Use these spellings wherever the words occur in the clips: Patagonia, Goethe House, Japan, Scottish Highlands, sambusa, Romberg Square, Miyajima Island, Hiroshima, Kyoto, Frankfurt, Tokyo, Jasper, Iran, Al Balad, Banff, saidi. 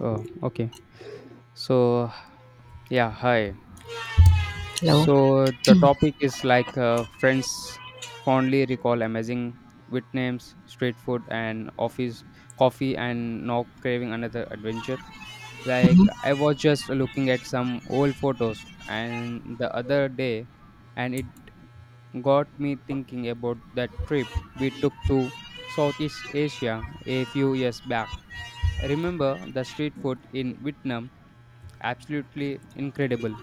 Oh, okay. So, yeah, hi. Hello. So, the topic is friends fondly recall amazing with names, street food, and office coffee, and now craving another adventure. Like, I was just looking at some old photos and the other day, and it got me thinking about that trip we took to Southeast Asia a few years back. Remember the street food in Vietnam? Absolutely incredible.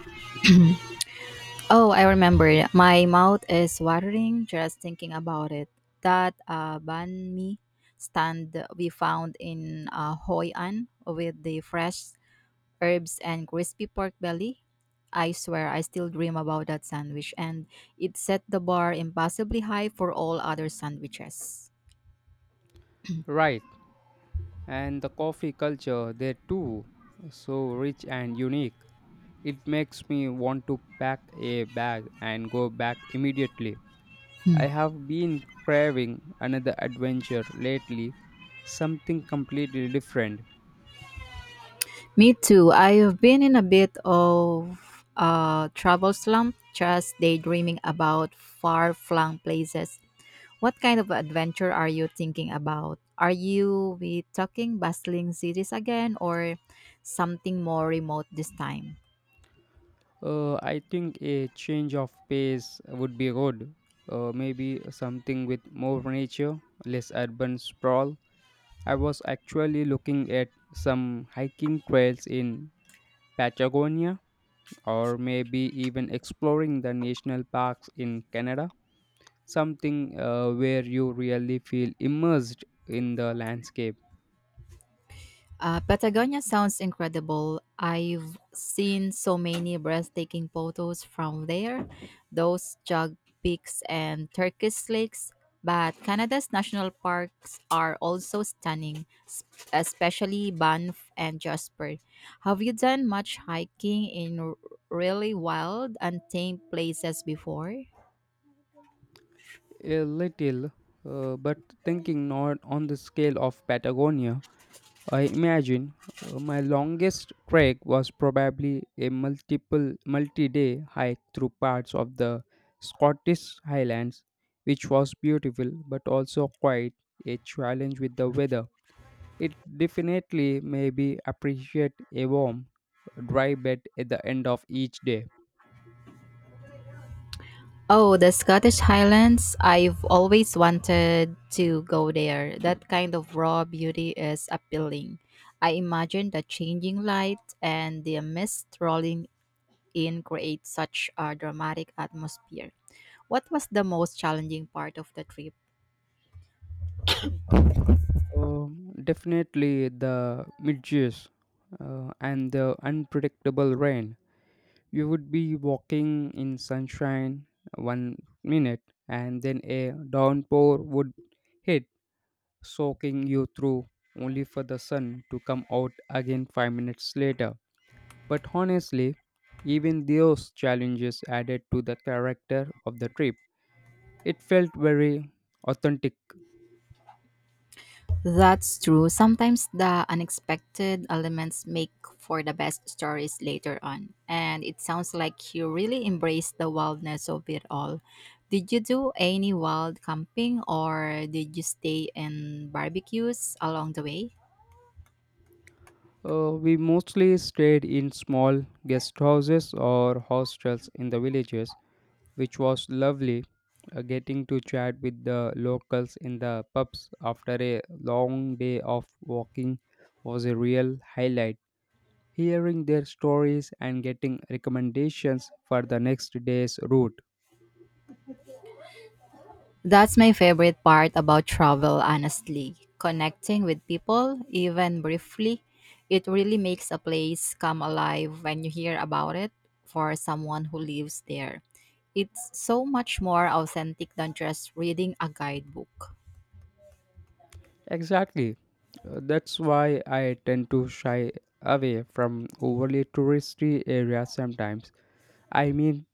Oh, I remember. My mouth is watering just thinking about it. That banh mi stand we found in Hoi An with the fresh herbs and crispy pork belly. I swear, I still dream about that sandwich, and it set the bar impossibly high for all other sandwiches. Right, and the coffee culture there too, so rich and unique. It makes me want to pack a bag and go back immediately. Hmm. I have been craving another adventure lately, something completely different. Me too. I've been in a bit of a travel slump, just daydreaming about far-flung places. What kind of adventure are you thinking about? Are you we talking bustling cities again or something more remote this time? I think a change of pace would be good. Maybe something with more nature, less urban sprawl. I was actually looking at some hiking trails in Patagonia or maybe even exploring the national parks in Canada. Something where you really feel immersed in the landscape. Patagonia sounds incredible. I've seen so many breathtaking photos from there, those jug peaks and Turkish lakes. But Canada's national parks are also stunning, especially Banff and Jasper. Have you done much hiking in really wild, untamed places before? A little, but thinking not on the scale of Patagonia, I imagine my longest trek was probably a multiple multi-day hike through parts of the Scottish Highlands, which was beautiful but also quite a challenge with the weather. It definitely may be appreciate a warm, dry bed at the end of each day. Oh, the Scottish Highlands. I've always wanted to go there. That kind of raw beauty is appealing. I imagine the changing light and the mist rolling in create such a dramatic atmosphere. What was the most challenging part of the trip? Definitely the midges and the unpredictable rain. You would be walking in sunshine 1 minute and then a downpour would hit, soaking you through, only for the sun to come out again 5 minutes later. But honestly, even those challenges added to the character of the trip. It felt very authentic. That's true. Sometimes the unexpected elements make for the best stories later on. And it sounds like you really embraced the wildness of it all. Did you do any wild camping or did you stay in barbecues along the way? We mostly stayed in small guest houses or hostels in the villages, which was lovely, getting to chat with the locals in the pubs after a long day of walking was a real highlight, hearing their stories and getting recommendations for the next day's route. That's my favorite part about travel, honestly. Connecting with people, even briefly, it really makes a place come alive when you hear about it for someone who lives there. It's so much more authentic than just reading a guidebook. Exactly. That's why I tend to shy away from overly touristy areas sometimes. I mean,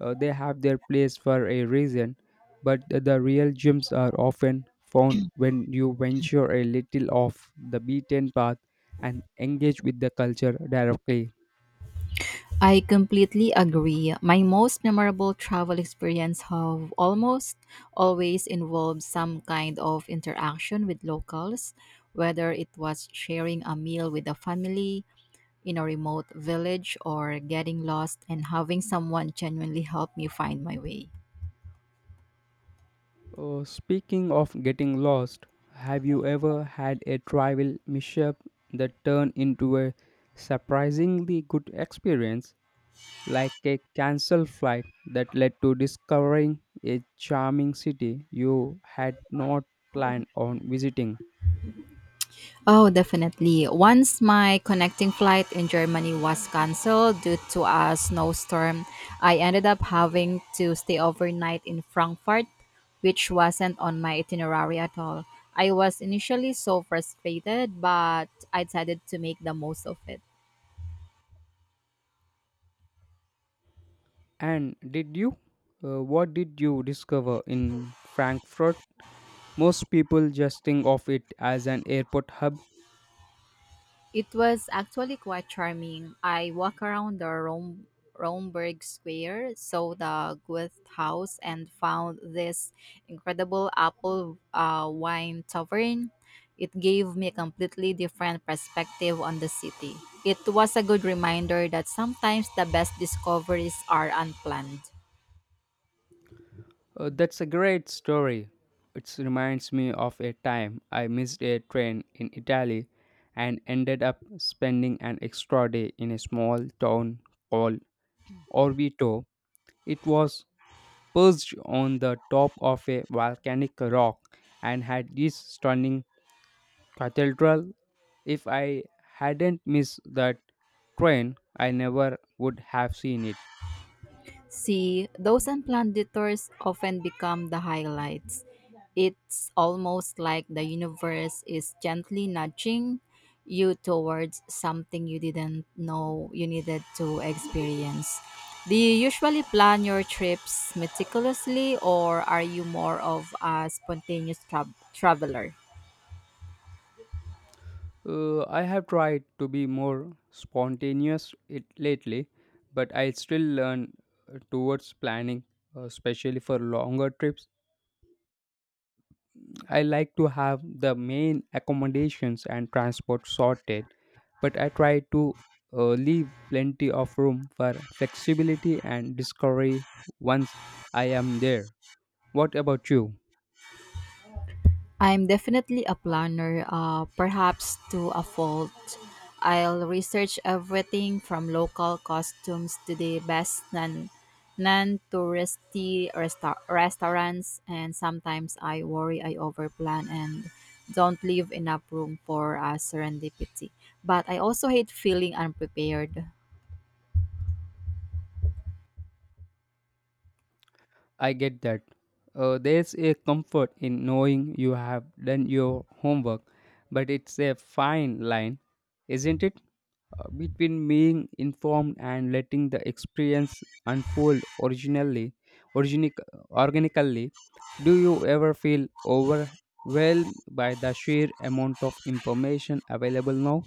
they have their place for a reason, but the real gems are often found when you venture a little off the beaten path and engage with the culture directly. I completely agree. My most memorable travel experience have almost always involved some kind of interaction with locals, whether it was sharing a meal with a family, in a remote village or getting lost and having someone genuinely help me find my way. Speaking of getting lost, have you ever had a travel mishap that turned into a surprisingly good experience, like a cancelled flight that led to discovering a charming city you had not planned on visiting? Oh, definitely. Once my connecting flight in Germany was cancelled due to a snowstorm, I ended up having to stay overnight in Frankfurt, which wasn't on my itinerary at all. I was initially so frustrated, but I decided to make the most of it. And did you? What did you discover in Frankfurt? Most people just think of it as an airport hub. It was actually quite charming. I walked around the Romberg Square, saw the Goethe House, and found this incredible apple wine tavern. It gave me a completely different perspective on the city. It was a good reminder that sometimes the best discoveries are unplanned. That's a great story. It reminds me of a time I missed a train in Italy and ended up spending an extra day in a small town called Orvieto. It was perched on the top of a volcanic rock and had these stunning cathedral. If I hadn't missed that train, I never would have seen it. See, those unplanned detours often become the highlights. It's almost like the universe is gently nudging you towards something you didn't know you needed to experience. Do you usually plan your trips meticulously, or are you more of a spontaneous traveler? I have tried to be more spontaneous it lately, but I still learn towards planning, especially for longer trips. I like to have the main accommodations and transport sorted, but I try to leave plenty of room for flexibility and discovery once I am there. What about you? I'm definitely a planner, perhaps to a fault. I'll research everything from local costumes to the best non touristy restaurants, and sometimes I worry I overplan and don't leave enough room for serendipity. But I also hate feeling unprepared. I get that. There's a comfort in knowing you have done your homework, but it's a fine line, isn't it? Between being informed and letting the experience unfold organic, organically. Do you ever feel overwhelmed by the sheer amount of information available now?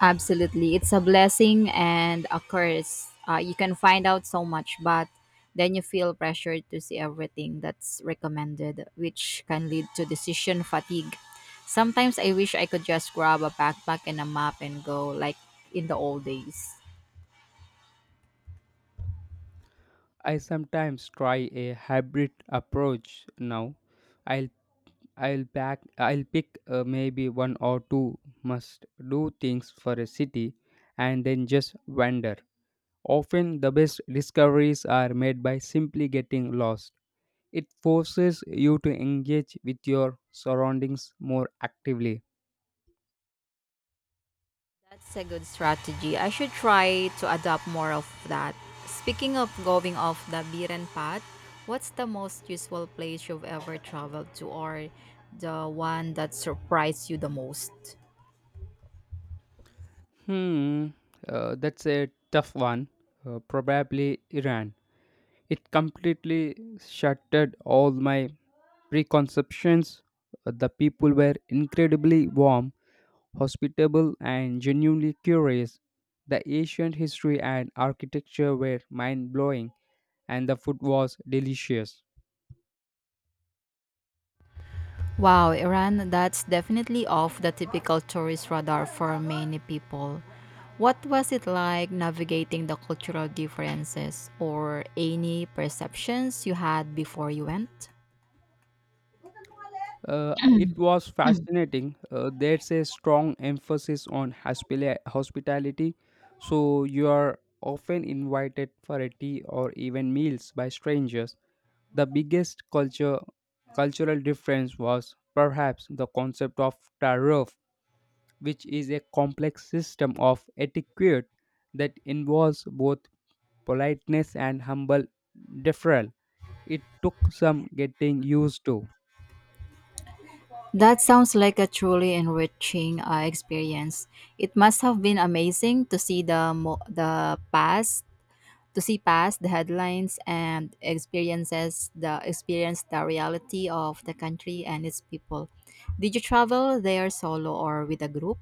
Absolutely. It's a blessing and a curse. You can find out so much, but then you feel pressured to see everything that's recommended, which can lead to decision fatigue. Sometimes I wish I could just grab a backpack and a map and go, like in the old days. I sometimes try a hybrid approach now. I'll I'll pick maybe one or two must do things for a city and then just wander. Often the best discoveries are made by simply getting lost. It forces you to engage with your surroundings more actively. That's a good strategy. I should try to adopt more of that. Speaking of going off the beaten path, what's the most useful place you've ever traveled to or the one that surprised you the most? Hmm, that's a tough one. Probably Iran. It completely shattered all my preconceptions. The people were incredibly warm, hospitable, and genuinely curious. The ancient history and architecture were mind blowing, and the food was delicious. Wow, Iran, that's definitely off the typical tourist radar for many people. What was it like navigating the cultural differences or any perceptions you had before you went? It was fascinating. There's a strong emphasis on hospitality, so you are often invited for a tea or even meals by strangers. The cultural difference was perhaps the concept of tariff, which is a complex system of etiquette that involves both politeness and humble deferral. It took some getting used to. That sounds like a truly enriching experience. It must have been amazing to see the past, to see past the headlines and experiences, the experience the reality of the country and its people. Did you travel there solo or with a group?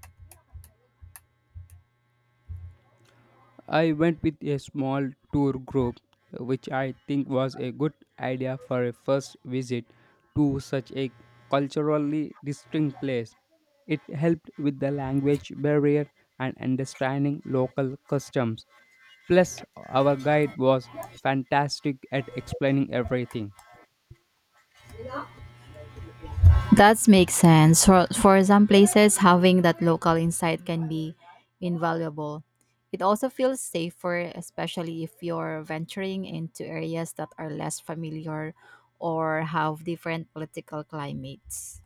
I went with a small tour group, which I think was a good idea for a first visit to such a culturally distinct place. It helped with the language barrier and understanding local customs. Plus, our guide was fantastic at explaining everything. That makes sense. For some places, having that local insight can be invaluable. It also feels safer, especially if you're venturing into areas that are less familiar or have different political climates.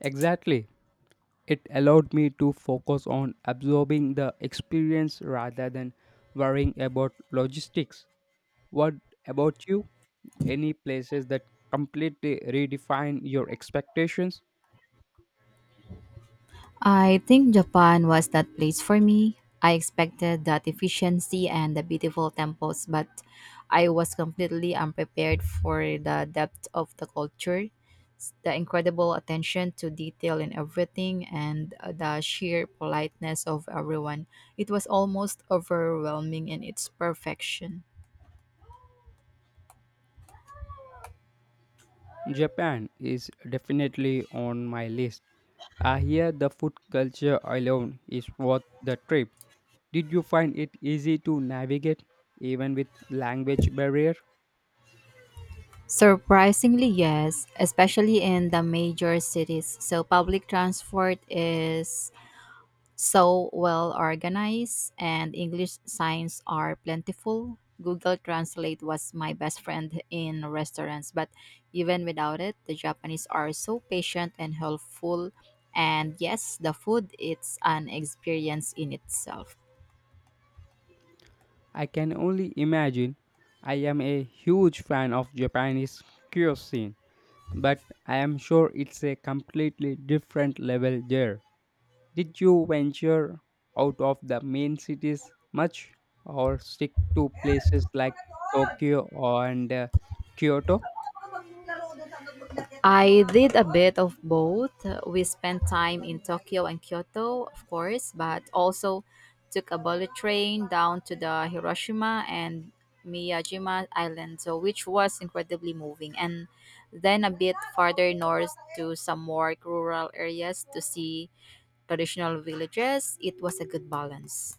Exactly. It allowed me to focus on absorbing the experience rather than worrying about logistics. What about you? Any places that completely redefine your expectations? I think Japan was that place for me. I expected that efficiency and the beautiful temples, but I was completely unprepared for the depth of the culture, the incredible attention to detail in everything, and the sheer politeness of everyone. It was almost overwhelming in its perfection. Japan is definitely on my list. I hear the food culture alone is worth the trip. Did you find it easy to navigate even with language barrier? Surprisingly, yes, especially in the major cities. So public transport is so well organized and English signs are plentiful. Google Translate was my best friend in restaurants, but even without it, the Japanese are so patient and helpful. And yes, the food it's an experience in itself. I can only imagine. I am a huge fan of Japanese cuisine, but I am sure it's a completely different level there. Did you venture out of the main cities much or stick to places like Tokyo and Kyoto? I did a bit of both. We spent time in Tokyo and Kyoto, of course, but also took a bullet train down to the Hiroshima and Miyajima Island, so which was incredibly moving. And then a bit farther north to some more rural areas to see traditional villages. It was a good balance.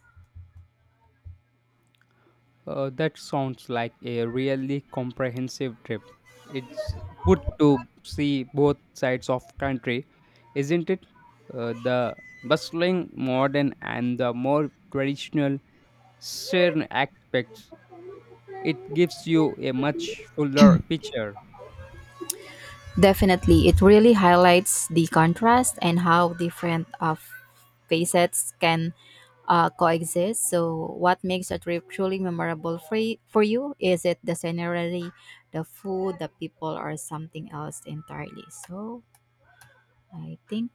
That sounds like a really comprehensive trip. It's good to see both sides of country, isn't it? The bustling modern and the more traditional certain aspects. It gives you a much fuller picture. Definitely, it really highlights the contrast and how different facets can coexist. So, what makes a trip truly memorable for, for you? Is it the scenery, the food, the people, or something else entirely? So, I think,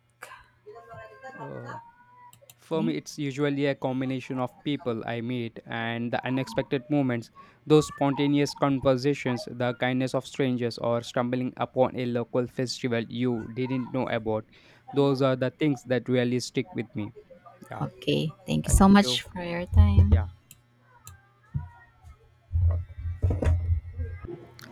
For me, think. it's usually a combination of people I meet and the unexpected moments, those spontaneous conversations, the kindness of strangers, or stumbling upon a local festival you didn't know about. Those are the things that really stick with me. Yeah, Okay, thank you thank so you. much for your time. Yeah.